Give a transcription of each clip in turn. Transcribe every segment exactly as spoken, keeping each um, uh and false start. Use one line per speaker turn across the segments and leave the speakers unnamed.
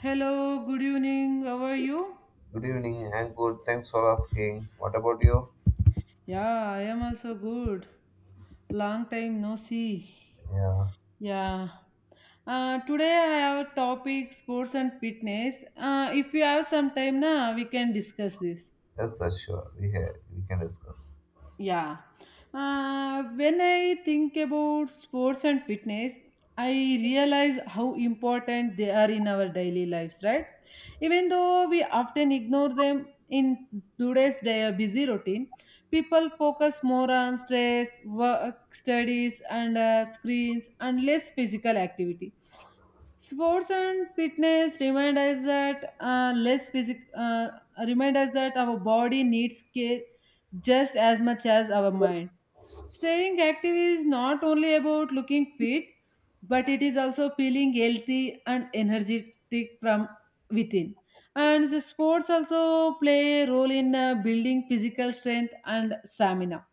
Hello, good evening. How are you?
Good evening. I'm good. Thanks for asking. What about you?
Yeah, I am also good. Long time no see.
Yeah,
Yeah. Uh, today I have topic sports and fitness. Uh, if you have some time, na, we can discuss this.
yes, that's sure. We have, we can discuss.
Yeah. Uh, when I think about sports and fitness, I realize how important they are in our daily lives, right? Even though we often ignore them in today's day, busy routine, people focus more on stress, work, studies, and uh, screens and less physical activity. Sports and fitness remind us that uh, less physic uh, remind us that our body needs care just as much as our mind. Staying active is not only about looking fit, but it is also feeling healthy and energetic from within. And the sports also play a role in uh, building physical strength and stamina.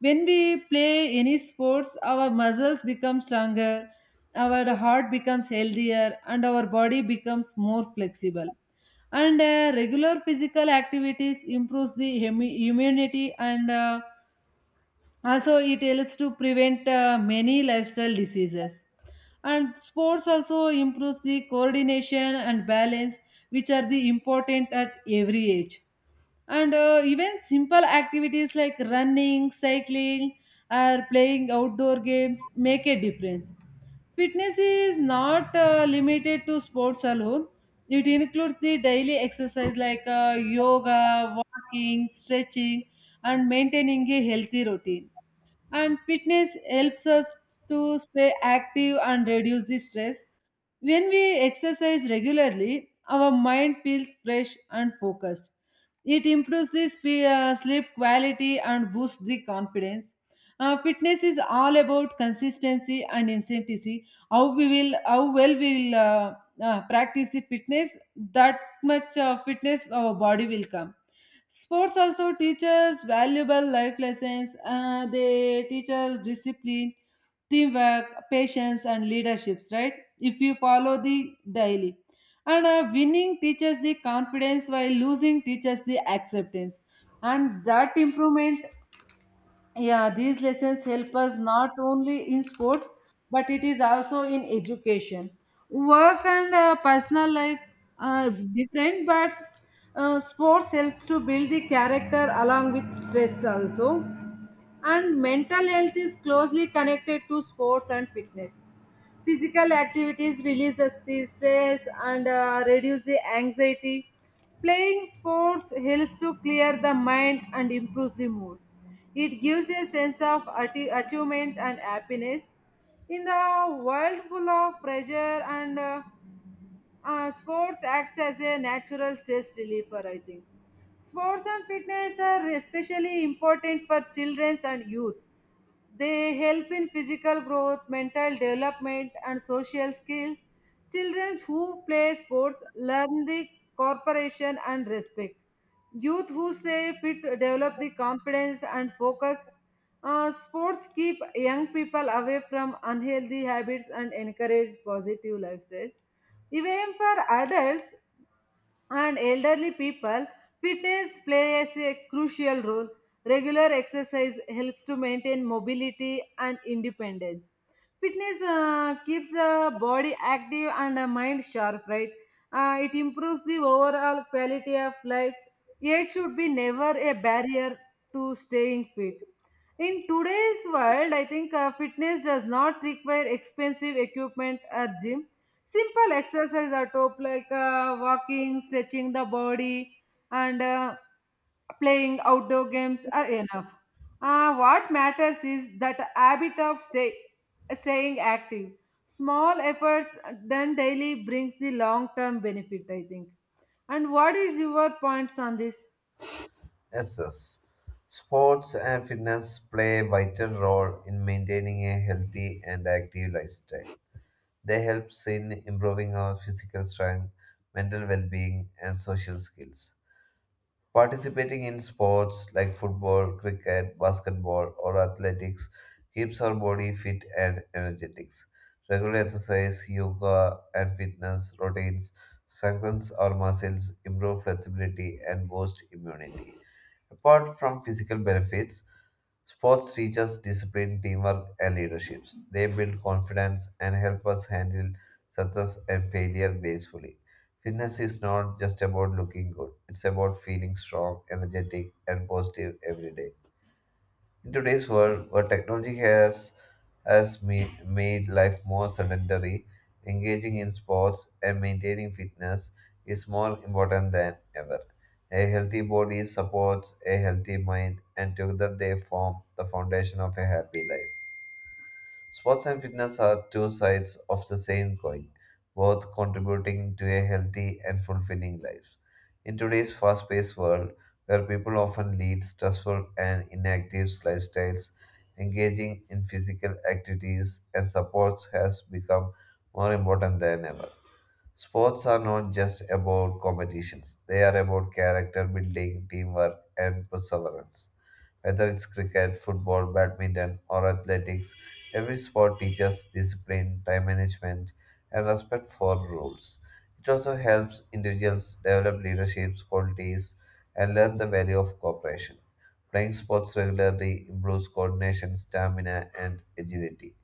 When we play any sports, our muscles become stronger, our heart becomes healthier, and our body becomes more flexible. And uh, regular physical activities improves the hemi- immunity, and uh, also it helps to prevent uh, many lifestyle diseases. And sports also improves the coordination and balance, which are the important at every age. And uh, even simple activities like running, cycling, or playing outdoor games make a difference. Fitness is not uh, limited to sports alone. It includes the daily exercise like uh, yoga, walking, stretching, and maintaining a healthy routine. And fitness helps us to stay active and reduce the stress. When we exercise regularly, our mind feels fresh and focused. It improves the sp- uh, sleep quality and boosts the confidence. Uh, fitness is all about consistency and intensity. How we will, how well we will uh, uh, practice the fitness, that much uh, fitness our body will come. Sports also teaches valuable life lessons. Uh, they teach us discipline, teamwork, patience, and leaderships, right? If you follow the daily, and uh, winning teaches the confidence while losing teaches the acceptance and that improvement. Yeah, these lessons help us not only in sports, but it is also in education, work, and uh, personal life are different. But uh, sports helps to build the character along with stress also. And mental health is closely connected to sports and fitness. Physical activities release the st- stress and uh, reduce the anxiety. Playing sports helps to clear the mind and improves the mood. It gives a sense of atti- achievement and happiness. In the world full of pressure and uh, uh, sports acts as a natural stress reliever, I think. Sports and fitness are especially important for children and youth. They help in physical growth, mental development, and social skills. Children who play sports learn the cooperation and respect. Youth who stay fit develop the confidence and focus. Uh, sports keep young people away from unhealthy habits and encourage positive lifestyles. Even for adults and elderly people, fitness plays a crucial role. Regular exercise helps to maintain mobility and independence. Fitness uh, keeps the body active and the mind sharp, right? Uh, it improves the overall quality of life. Yet, should be never a barrier to staying fit. In today's world, I think uh, fitness does not require expensive equipment or gym. Simple exercise at top like uh, walking, stretching the body, and uh, playing outdoor games are enough. Uh, what matters is that habit of stay, staying active. Small efforts done daily brings the long term benefit, I think. And what is your points on this?
Yes, yes. Sports and fitness play a vital role in maintaining a healthy and active lifestyle. They help in improving our physical strength, mental well-being, and social skills. Participating in sports like football, cricket, basketball, or athletics keeps our body fit and energetic. Regular exercise, yoga, and fitness routines strengthens our muscles, improve flexibility, and boost immunity. Apart from physical benefits, sports teach us discipline, teamwork, and leadership. They build confidence and help us handle success and failure gracefully. Fitness is not just about looking good, it's about feeling strong, energetic, and positive every day. In today's world, where technology has has me- made life more sedentary, engaging in sports and maintaining fitness is more important than ever. A healthy body supports a healthy mind, and together they form the foundation of a happy life. Sports and fitness are two sides of the same coin, both contributing to a healthy and fulfilling life. In today's fast paced world, where people often lead stressful and inactive lifestyles, engaging in physical activities and sports has become more important than ever. Sports are not just about competitions, they are about character building, teamwork, and perseverance. Whether it's cricket, football, badminton, or athletics, every sport teaches discipline, time management, and respect for rules. It also helps individuals develop leadership qualities and learn the value of cooperation. Playing sports regularly improves coordination, stamina, and agility.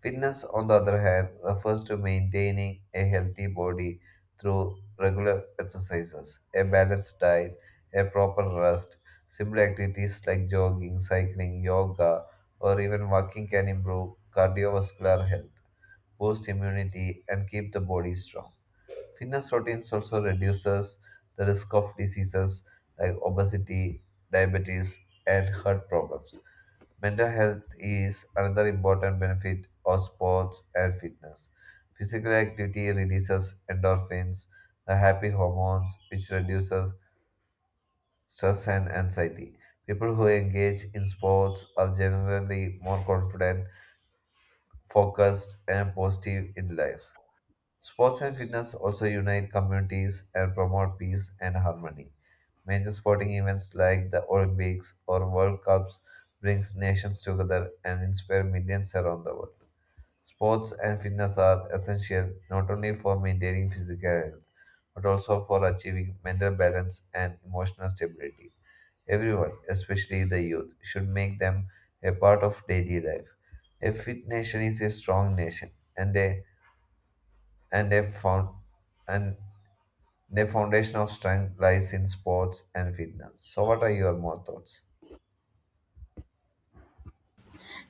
Fitness, on the other hand, refers to maintaining a healthy body through regular exercises, a balanced diet, a proper rest. Simple activities like jogging, cycling, yoga, or even walking can improve cardiovascular health, boost immunity, and keep the body strong. Fitness routines also reduces the risk of diseases like obesity, diabetes, and heart problems. Mental health is another important benefit of sports and fitness. Physical activity releases endorphins, the happy hormones, which reduces stress and anxiety. People who engage in sports are generally more confident, focused, and positive in life. Sports and fitness also unite communities and promote peace and harmony. Major sporting events like the Olympics or World Cups brings nations together and inspire millions around the world. Sports and fitness are essential not only for maintaining physical health but also for achieving mental balance and emotional stability. Everyone, especially the youth, should make them a part of daily life. A fit nation is a strong nation and a and a found and the foundation of strength lies in sports and fitness. So, what are your more thoughts?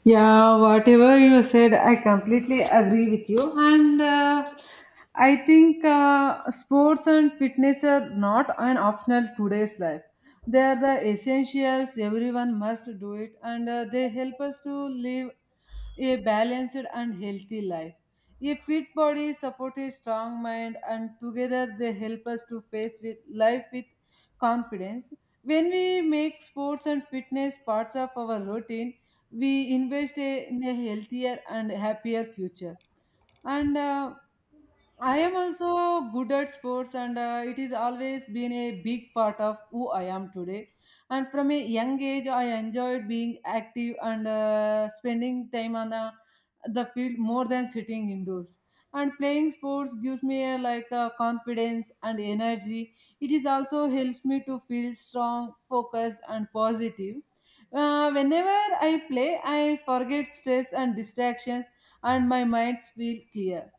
Yeah, whatever you said, I completely agree with you. And uh, I think uh, sports and fitness are not an optional today's life. They are the essentials. Everyone must do it, and uh, they help us to live a balanced and healthy life. A fit body supports a strong mind, and together they help us to face with life with confidence. When we make sports and fitness parts of our routine, we invest a- in a healthier and happier future. And uh, I am also good at sports, and uh, it is always been a big part of who I am today. And from a young age, I enjoyed being active and uh, spending time on the, the field more than sitting indoors. And playing sports gives me a, like a confidence and energy. It is also helps me to feel strong, focused, and positive. Uh, whenever I play, I forget stress and distractions, and my mind feels clear.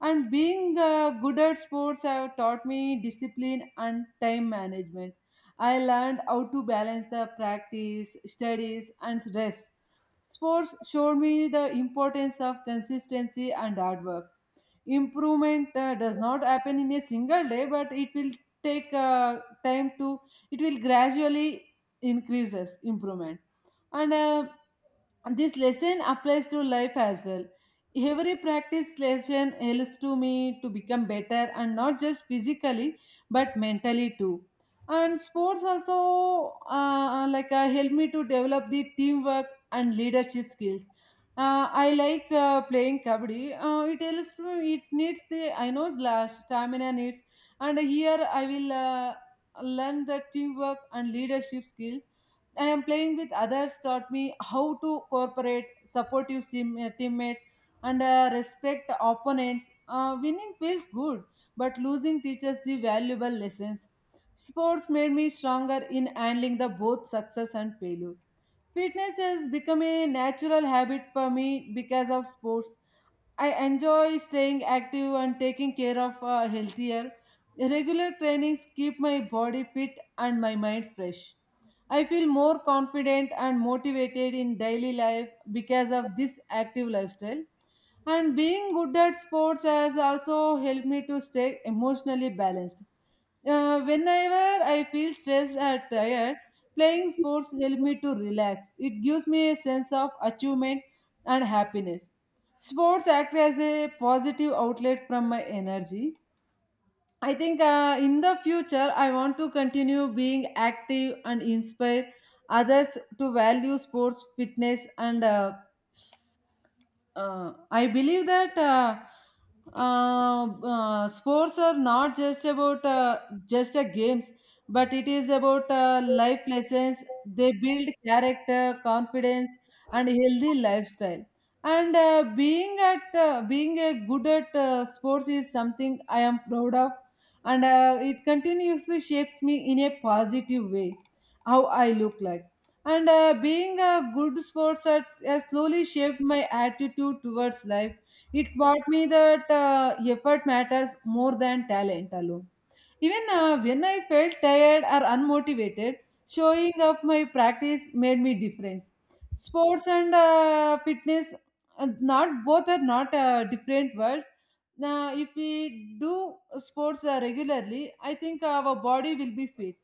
And being uh, good at sports have taught me discipline and time management. I learned how to balance the practice, studies, and stress. Sports showed me the importance of consistency and hard work. Improvement uh, does not happen in a single day, but it will take uh, time to, it will gradually increases improvement. And uh, and this lesson applies to life as well. Every practice lesson helps to me to become better, and not just physically but mentally too. And sports also uh, like uh, help me to develop the teamwork and leadership skills. Uh, I like uh, playing kabaddi. Uh, it helps me. It needs the I know la- stamina needs, and here I will uh, learn the teamwork and leadership skills. I am playing with others taught me how to cooperate, supportive team, uh, teammates, and uh, respect opponents. Uh, winning feels good, but losing teaches the valuable lessons. Sports made me stronger in handling the both success and failure. Fitness has become a natural habit for me because of sports. I enjoy staying active and taking care of uh, healthier. Regular trainings keep my body fit and my mind fresh. I feel more confident and motivated in daily life because of this active lifestyle. And being good at sports has also helped me to stay emotionally balanced. Uh, whenever I feel stressed or tired, playing sports helps me to relax. It gives me a sense of achievement and happiness. Sports act as a positive outlet from my energy. I think uh, in the future, I want to continue being active and inspire others to value sports, fitness, and uh, uh, I believe that uh, uh, uh, sports are not just about uh, just a games, but it is about uh, life lessons. They build character, confidence, and healthy lifestyle. And uh, being at uh, being a good at uh, sports is something I am proud of, and uh, it continuously shapes me in a positive way. How I look like, and uh, being a good sports at has slowly shaped my attitude towards life. It taught me that uh, effort matters more than talent alone. Even uh, when I felt tired or unmotivated, showing up my practice made me difference. Sports and uh, fitness, uh, not both are not uh, different words. Now, if we do sports uh, regularly, I think our body will be fit.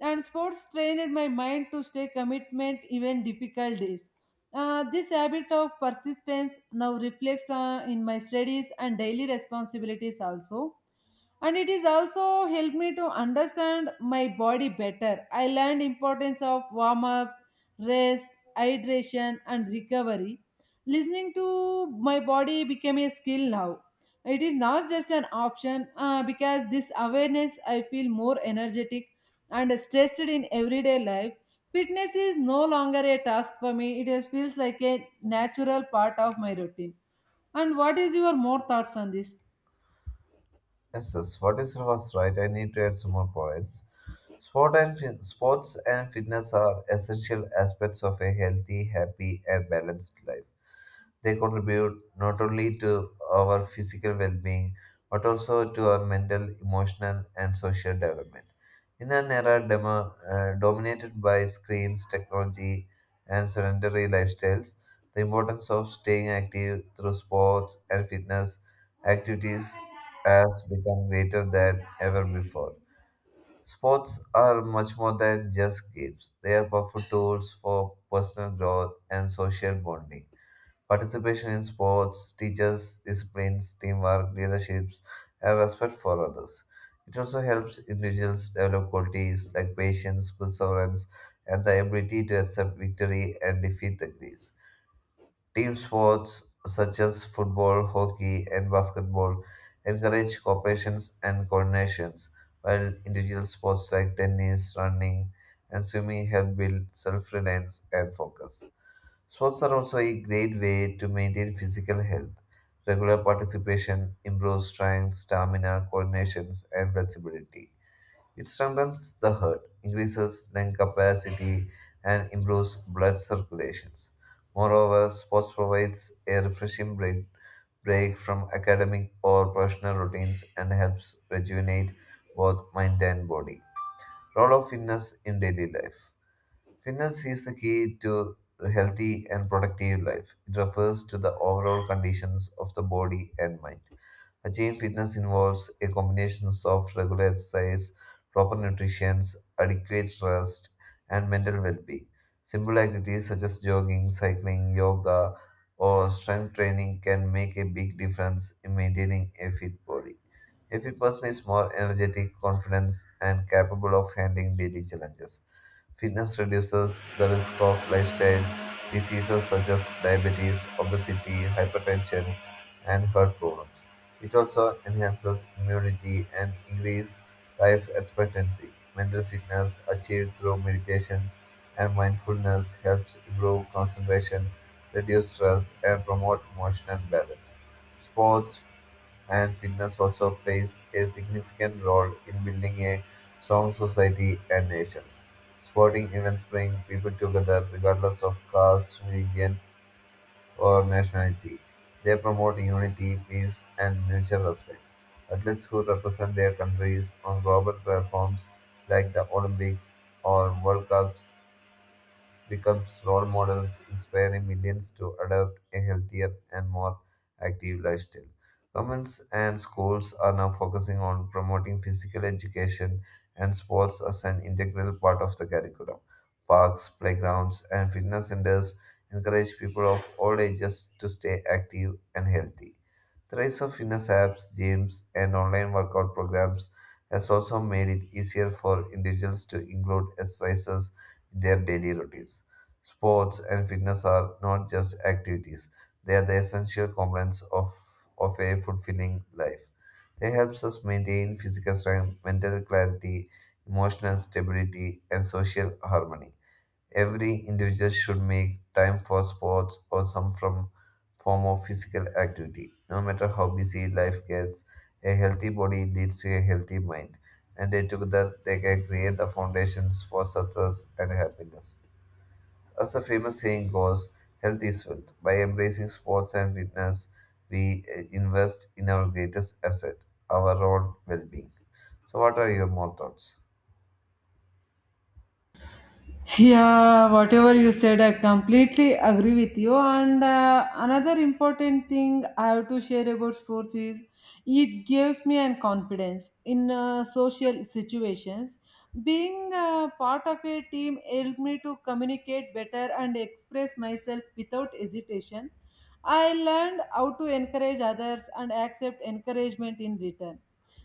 And sports trained my mind to stay commitment even difficult days. Uh, this habit of persistence now reflects uh, in my studies and daily responsibilities also. And it is also helped me to understand my body better. I learned importance of warm-ups, rest, hydration and recovery. Listening to my body became a skill now. It is not just an option uh, because this awareness I feel more energetic and stressed in everyday life. Fitness is no longer a task for me, it is, feels like a natural part of my routine. And what is your more thoughts on this?
Yes, yes. What is was right? I need to add some more points. Sport and fin- sports and fitness are essential aspects of a healthy, happy, and balanced life. They contribute not only to our physical well being but also to our mental, emotional, and social development. In an era demo, uh, dominated by screens, technology, and sedentary lifestyles, the importance of staying active through sports and fitness activities has become greater than ever before. Sports are much more than just games. They are powerful tools for personal growth and social bonding. Participation in sports teaches disciplines, teamwork, leadership, and respect for others. It also helps individuals develop qualities like patience, perseverance, and the ability to accept victory and defeat the grief. Team sports such as football, hockey, and basketball encourage cooperation and coordinations, while individual sports like tennis, running, and swimming help build self reliance and focus. Sports are also a great way to maintain physical health. Regular participation improves strength, stamina, coordination, and flexibility. It strengthens the heart, increases lung capacity, and improves blood circulation. Moreover, sports provides a refreshing break, break from academic or professional routines and helps rejuvenate both mind and body. Role of fitness in daily life. Fitness is the key to a healthy and productive life. It refers to the overall conditions of the body and mind. Achieving fitness involves a combination of regular exercise, proper nutrition, adequate rest, and mental well-being. Simple activities such as jogging, cycling, yoga, or strength training can make a big difference in maintaining a fit body. If every person is more energetic, confident, and capable of handling daily challenges. Fitness reduces the risk of lifestyle diseases such as diabetes, obesity, hypertension, and heart problems. It also enhances immunity and increases life expectancy. Mental fitness achieved through meditations and mindfulness helps improve concentration, reduce stress, and promote emotional balance. Sports and fitness also plays a significant role in building a strong society and nations. Sporting events bring people together regardless of caste, religion, or nationality. They promote unity, peace, and mutual respect. Athletes who represent their countries on global platforms like the Olympics or World Cups becomes role models, inspiring millions to adopt a healthier and more active lifestyle. Governments and schools are now focusing on promoting physical education and sports as an integral part of the curriculum. Parks, playgrounds, and fitness centers encourage people of all ages to stay active and healthy. The rise of fitness apps, gyms, and online workout programs has also made it easier for individuals to include exercises their daily routines. Sports and fitness are not just activities, they are the essential components of, of a fulfilling life. They help us maintain physical strength, mental clarity, emotional stability, and social harmony. Every individual should make time for sports or some from form of physical activity. No matter how busy life gets, a healthy body leads to a healthy mind, and they together they can create the foundations for success and happiness. As the famous saying goes, health is wealth. By embracing sports and fitness, we eh, invest in our greatest asset, our own well-being. So, what are your more thoughts?
Yeah, whatever you said, I completely agree with you. And uh, another important thing I have to share about sports is it gives me an confidence in uh, social situations. Being uh, part of a team helped me to communicate better and express myself without hesitation. I learned how to encourage others and accept encouragement in return.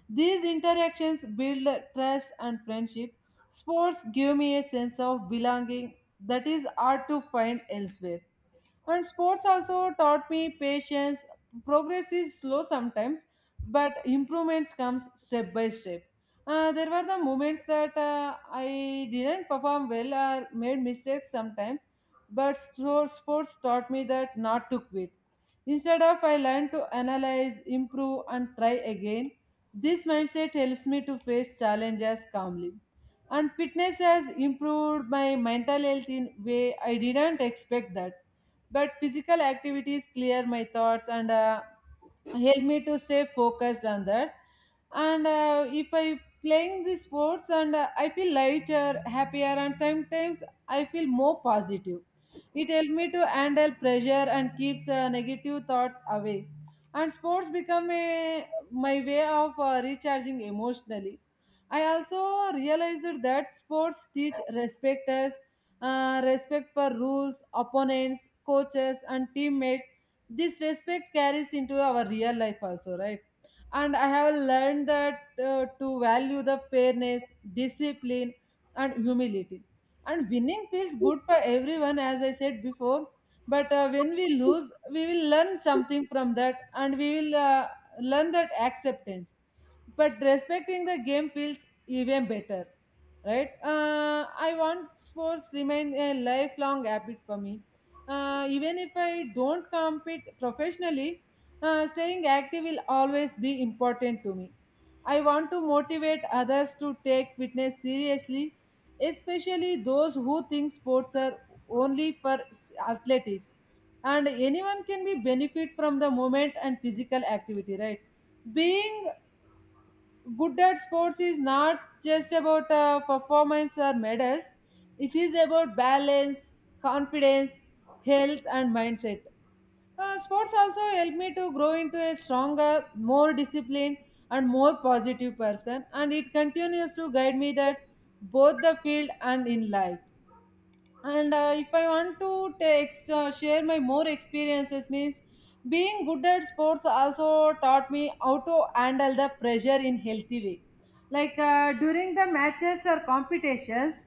These interactions build trust and friendship. Sports give me a sense of belonging that is hard to find elsewhere. And sports also taught me patience. Progress is slow sometimes, but improvements comes step by step. Uh, there were the moments that uh, I didn't perform well or made mistakes sometimes, but so sports taught me that not to quit. Instead of I learned to analyze, improve, and try again. This mindset helped me to face challenges calmly. And fitness has improved my mental health in way I didn't expect that, but physical activities clear my thoughts and uh, help me to stay focused on that. And uh, if I playing the sports and uh, I feel lighter, happier, and sometimes I feel more positive. It helps me to handle pressure and keeps uh, negative thoughts away, and sports become a, my way of uh, recharging emotionally. I also realized that sports teach respect us, uh, respect for rules, opponents, coaches, and teammates. This respect carries into our real life also, right? And I have learned that uh, to value the fairness, discipline, and humility. And winning feels good for everyone, as I said before, but uh, when we lose, we will learn something from that, and we will uh, learn that acceptance. But respecting the game feels even better, right? Uh, i want sports remain a lifelong habit for me. Uh, even if I don't compete professionally, uh, staying active will always be important to me. I want to motivate others to take fitness seriously, especially those who think sports are only for s- athletics. And anyone can be benefit from the movement and physical activity, right? Being good at sports is not just about uh, performance or medals. It is about balance, confidence, health, and mindset. Uh, sports also help me to grow into a stronger, more disciplined, and more positive person, and it continues to guide me that both the field and in life. And uh, if I want to take uh, share my more experiences means being good at sports also taught me how to handle the pressure in healthy way. Like uh, during the matches or competitions,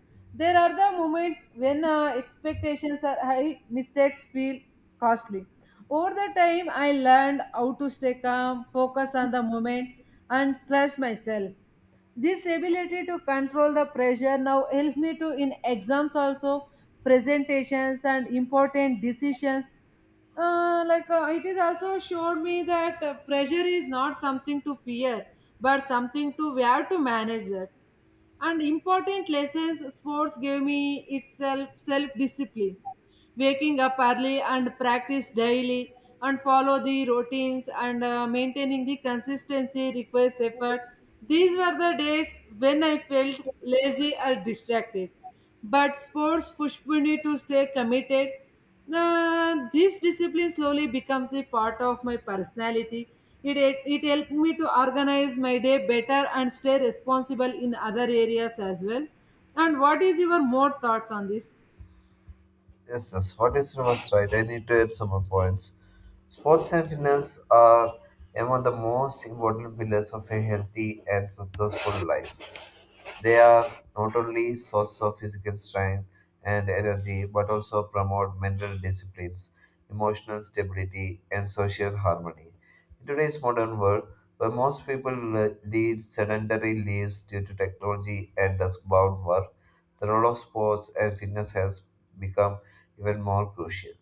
there are the moments when uh, expectations are high, mistakes feel costly. Over the time, I learned how to stay calm, focus on the moment, and trust myself. This ability to control the pressure now helps me to in exams also, presentations, and important decisions. Uh, like uh, it is also showed me that uh, pressure is not something to fear, but something to we have to manage that. And important lessons sports gave me itself self discipline, waking up early and practice daily, and follow the routines, and uh, maintaining the consistency requires effort. These were the days when I felt lazy or distracted, but sports pushed me to stay committed. Uh, this discipline slowly becomes a part of my personality. It, it, it helped me to organize my day better and stay responsible in other areas as well. And what is your more thoughts on this?
Yes, that's what is was right. I need to add some more points. Sports and finance are among the most important pillars of a healthy and successful life. They are not only source of physical strength and energy, but also promote mental disciplines, emotional stability, and social harmony. In today's modern world, where most people le- lead sedentary lives due to technology and desk-bound work, the role of sports and fitness has become even more crucial.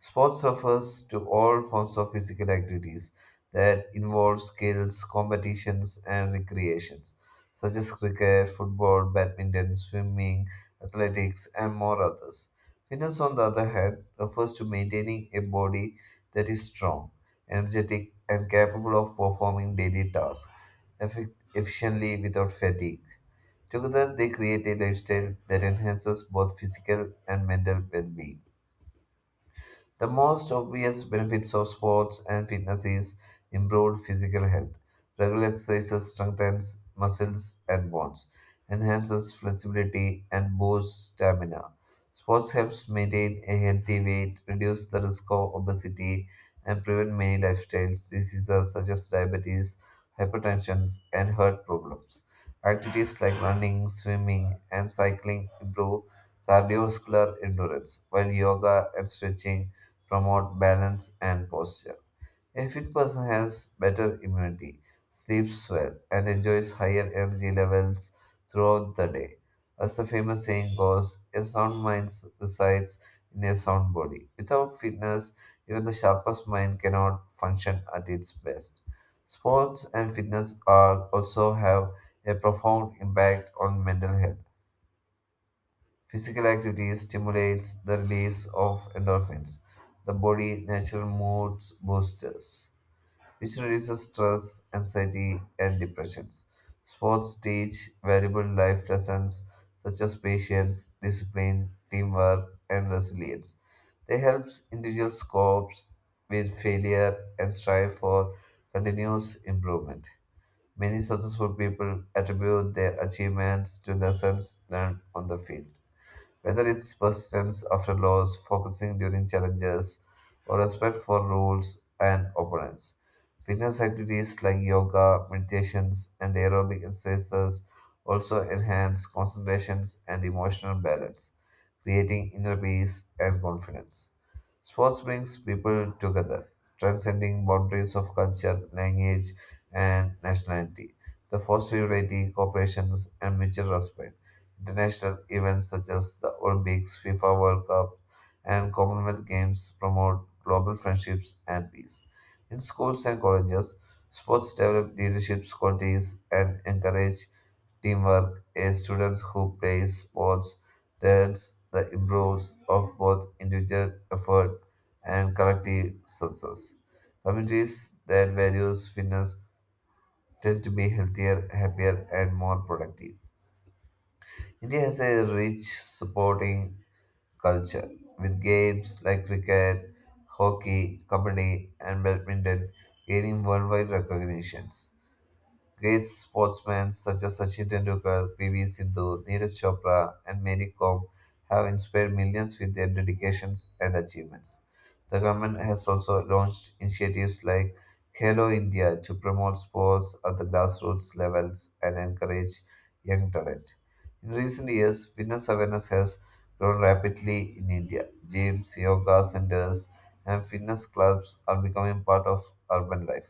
Sports refers to all forms of physical activities that involve skills, competitions, and recreations, such as cricket, football, badminton, swimming, athletics, and more others. Fitness, on the other hand, refers to maintaining a body that is strong, energetic, and capable of performing daily tasks effic- efficiently without fatigue. Together, they create a lifestyle that enhances both physical and mental well being. The most obvious benefits of sports and fitness is improved physical health. Regular exercise strengthens muscles and bones, enhances flexibility, and boosts stamina. Sports helps maintain a healthy weight, reduce the risk of obesity, and prevent many lifestyles diseases such as diabetes, hypertension, and heart problems. Activities like running, swimming, and cycling improve cardiovascular endurance, while yoga and stretching promote balance and posture. A fit person has better immunity, sleeps well, and enjoys higher energy levels throughout the day. As the famous saying goes, a sound mind s- resides in a sound body. Without fitness, even the sharpest mind cannot function at its best. Sports and fitness are also have a profound impact on mental health. Physical activity stimulates the release of endorphins, the body natural moods boosters, which reduces stress, anxiety, and depressions. Sports teach valuable life lessons such as patience, discipline, teamwork, and resilience. They help individuals cope with failure and strive for continuous improvement. Many successful people attribute their achievements to lessons learned on the field. Whether it's persistence after loss, focusing during challenges, or respect for rules and opponents. Fitness activities like yoga, meditations, and aerobic exercises also enhance concentrations and emotional balance, creating inner peace and confidence. Sports brings people together, transcending boundaries of culture, language, and nationality. The foster unity, cooperation, and mutual respect. International events such as the Olympics, FIFA World Cup, and Commonwealth Games promote global friendships and peace. In schools and colleges, sports develop leadership qualities and encourage teamwork as students who play sports learns the importance of both individual effort and collective success. Communities that values fitness tend to be healthier, happier, and more productive. India has a rich sporting culture with games like cricket, hockey, kabaddi, and badminton gaining worldwide recognitions. Great sportsmen such as Sachin Tendulkar, P V Sindhu, Neeraj Chopra, and Mary Kom have inspired millions with their dedications and achievements. The government has also launched initiatives like Khelo India to promote sports at the grassroots levels and encourage young talent. In recent years, fitness awareness has grown rapidly in India. Gyms, yoga centers, and fitness clubs are becoming part of urban life.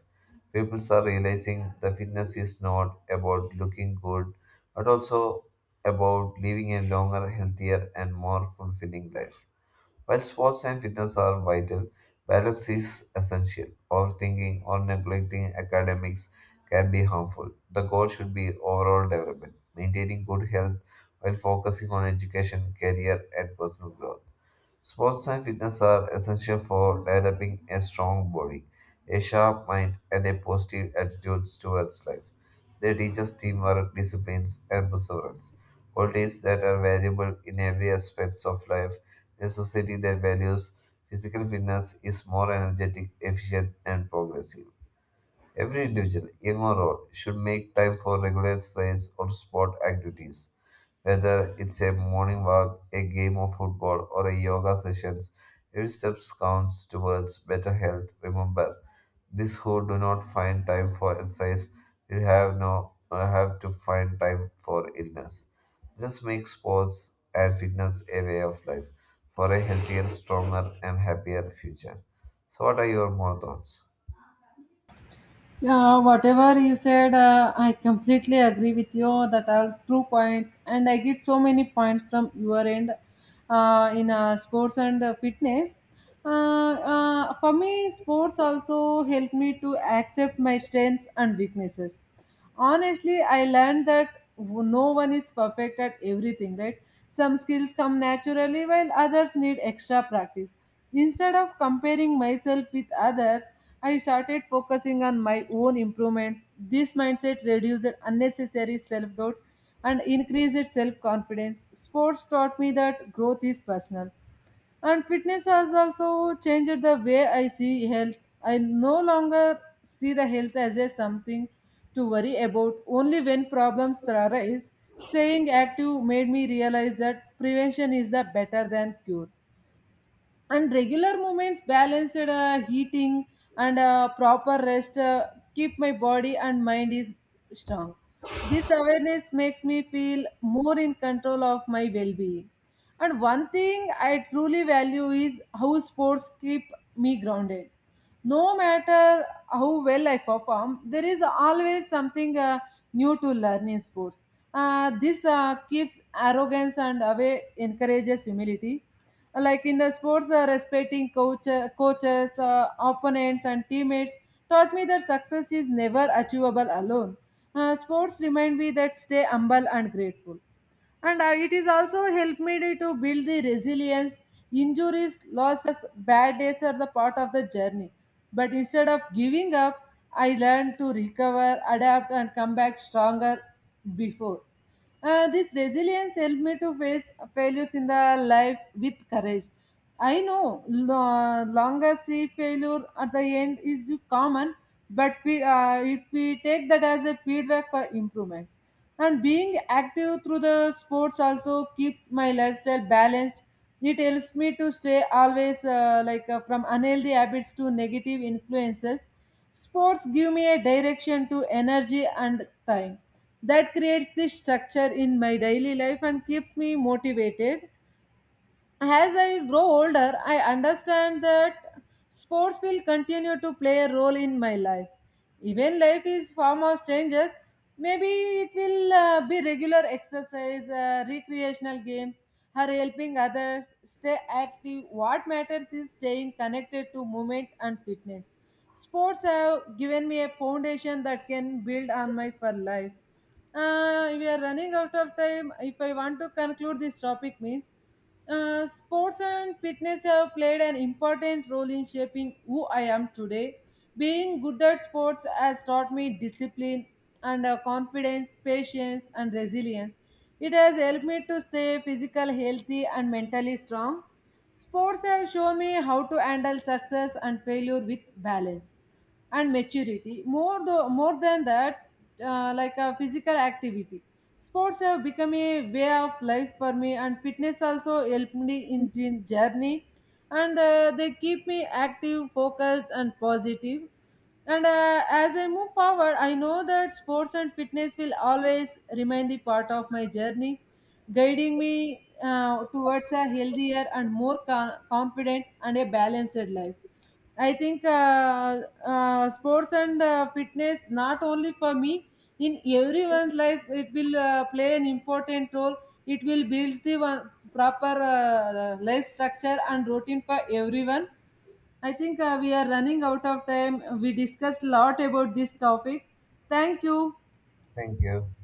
People are realizing the fitness is not about looking good, but also about living a longer, healthier, and more fulfilling life. While sports and fitness are vital, balance is essential. Overthinking or neglecting academics can be harmful. The goal should be overall development, maintaining good health while focusing on education, career, and personal growth. Sports and fitness are essential for developing a strong body, a sharp mind, and a positive attitude towards life. They teach us teamwork, discipline, and perseverance, qualities that are valuable in every aspect of life. In a society that values physical fitness is more energetic, efficient, and progressive. Every individual, young or old, should make time for regular exercise or sport activities whether it's a morning walk, a game of football, or a yoga sessions, every step counts towards better health. Remember, these who do not find time for exercise will have no uh, have to find time for illness. Just make sports and fitness a way of life for a healthier, stronger, and happier future. So, what are your more thoughts?
Yeah, whatever you said, uh, I completely agree with you that are true points, and I get so many points from your end uh, in uh, sports and uh, fitness. Uh, uh, for me, sports also help me to accept my strengths and weaknesses honestly. I learned that w- no one is perfect at everything, right? Some skills come naturally while others need extra practice. Instead of comparing myself with others, I started focusing on my own improvements. This mindset reduced unnecessary self doubt and increased self confidence. Sports taught me that growth is personal, and fitness has also changed the way I see health. I no longer see the health as a something to worry about only when problems arise. Staying active made me realize that prevention is the better than cure, and regular movements, balanced uh, heating, and uh, proper rest uh, keep my body and mind is strong. This awareness makes me feel more in control of my well-being. And one thing I truly value is how sports keep me grounded. No matter how well I perform, there is always something uh, new to learn in sports. Uh, this uh, keeps arrogance and away encourages humility. Like in the sports, uh, respecting coach, uh, coaches, uh, opponents, and teammates taught me that success is never achievable alone. Uh, sports remind me that stay humble and grateful, and uh, it is also helped me to to build the resilience. Injuries, losses, bad days are the part of the journey, but instead of giving up, I learned to recover, adapt, and come back stronger. Before. Uh, this resilience helped me to face failures in the life with courage. I know lo- longer see failure at the end is common, but we, uh, if we take that as a feedback for improvement. And being active through the sports also keeps my lifestyle balanced. It helps me to stay always uh, like uh, from unhealthy habits to negative influences. Sports give me a direction to energy and time that creates this structure in my daily life and keeps me motivated. As I grow older, I understand that sports will continue to play a role in my life. Even life is form of changes. Maybe it will uh, be regular exercise, uh, recreational games, or helping others stay active. What matters is staying connected to movement and fitness. Sports have given me a foundation that can build on my for life. Uh, we are running out of time. If I want to conclude this topic, means uh, sports and fitness have played an important role in shaping who I am today. Being good at sports has taught me discipline and uh, confidence, patience, and resilience. It has helped me to stay physical healthy and mentally strong. Sports have shown me how to handle success and failure with balance and maturity. More though more than that, uh, like a physical activity, sports have become a way of life for me, and fitness also helped me in jin- journey, and uh, they keep me active, focused, and positive positive. And uh, as I move forward, I know that sports and fitness will always remain the part of my journey, guiding me uh, towards a healthier and more con- confident and a balanced life. I think uh, uh, sports and uh, fitness, not only for me, in everyone's life, it will uh, play an important role. It will build the one proper uh, life structure and routine for everyone. I think uh, we are running out of time. We discussed a lot about this topic. Thank you.
Thank you.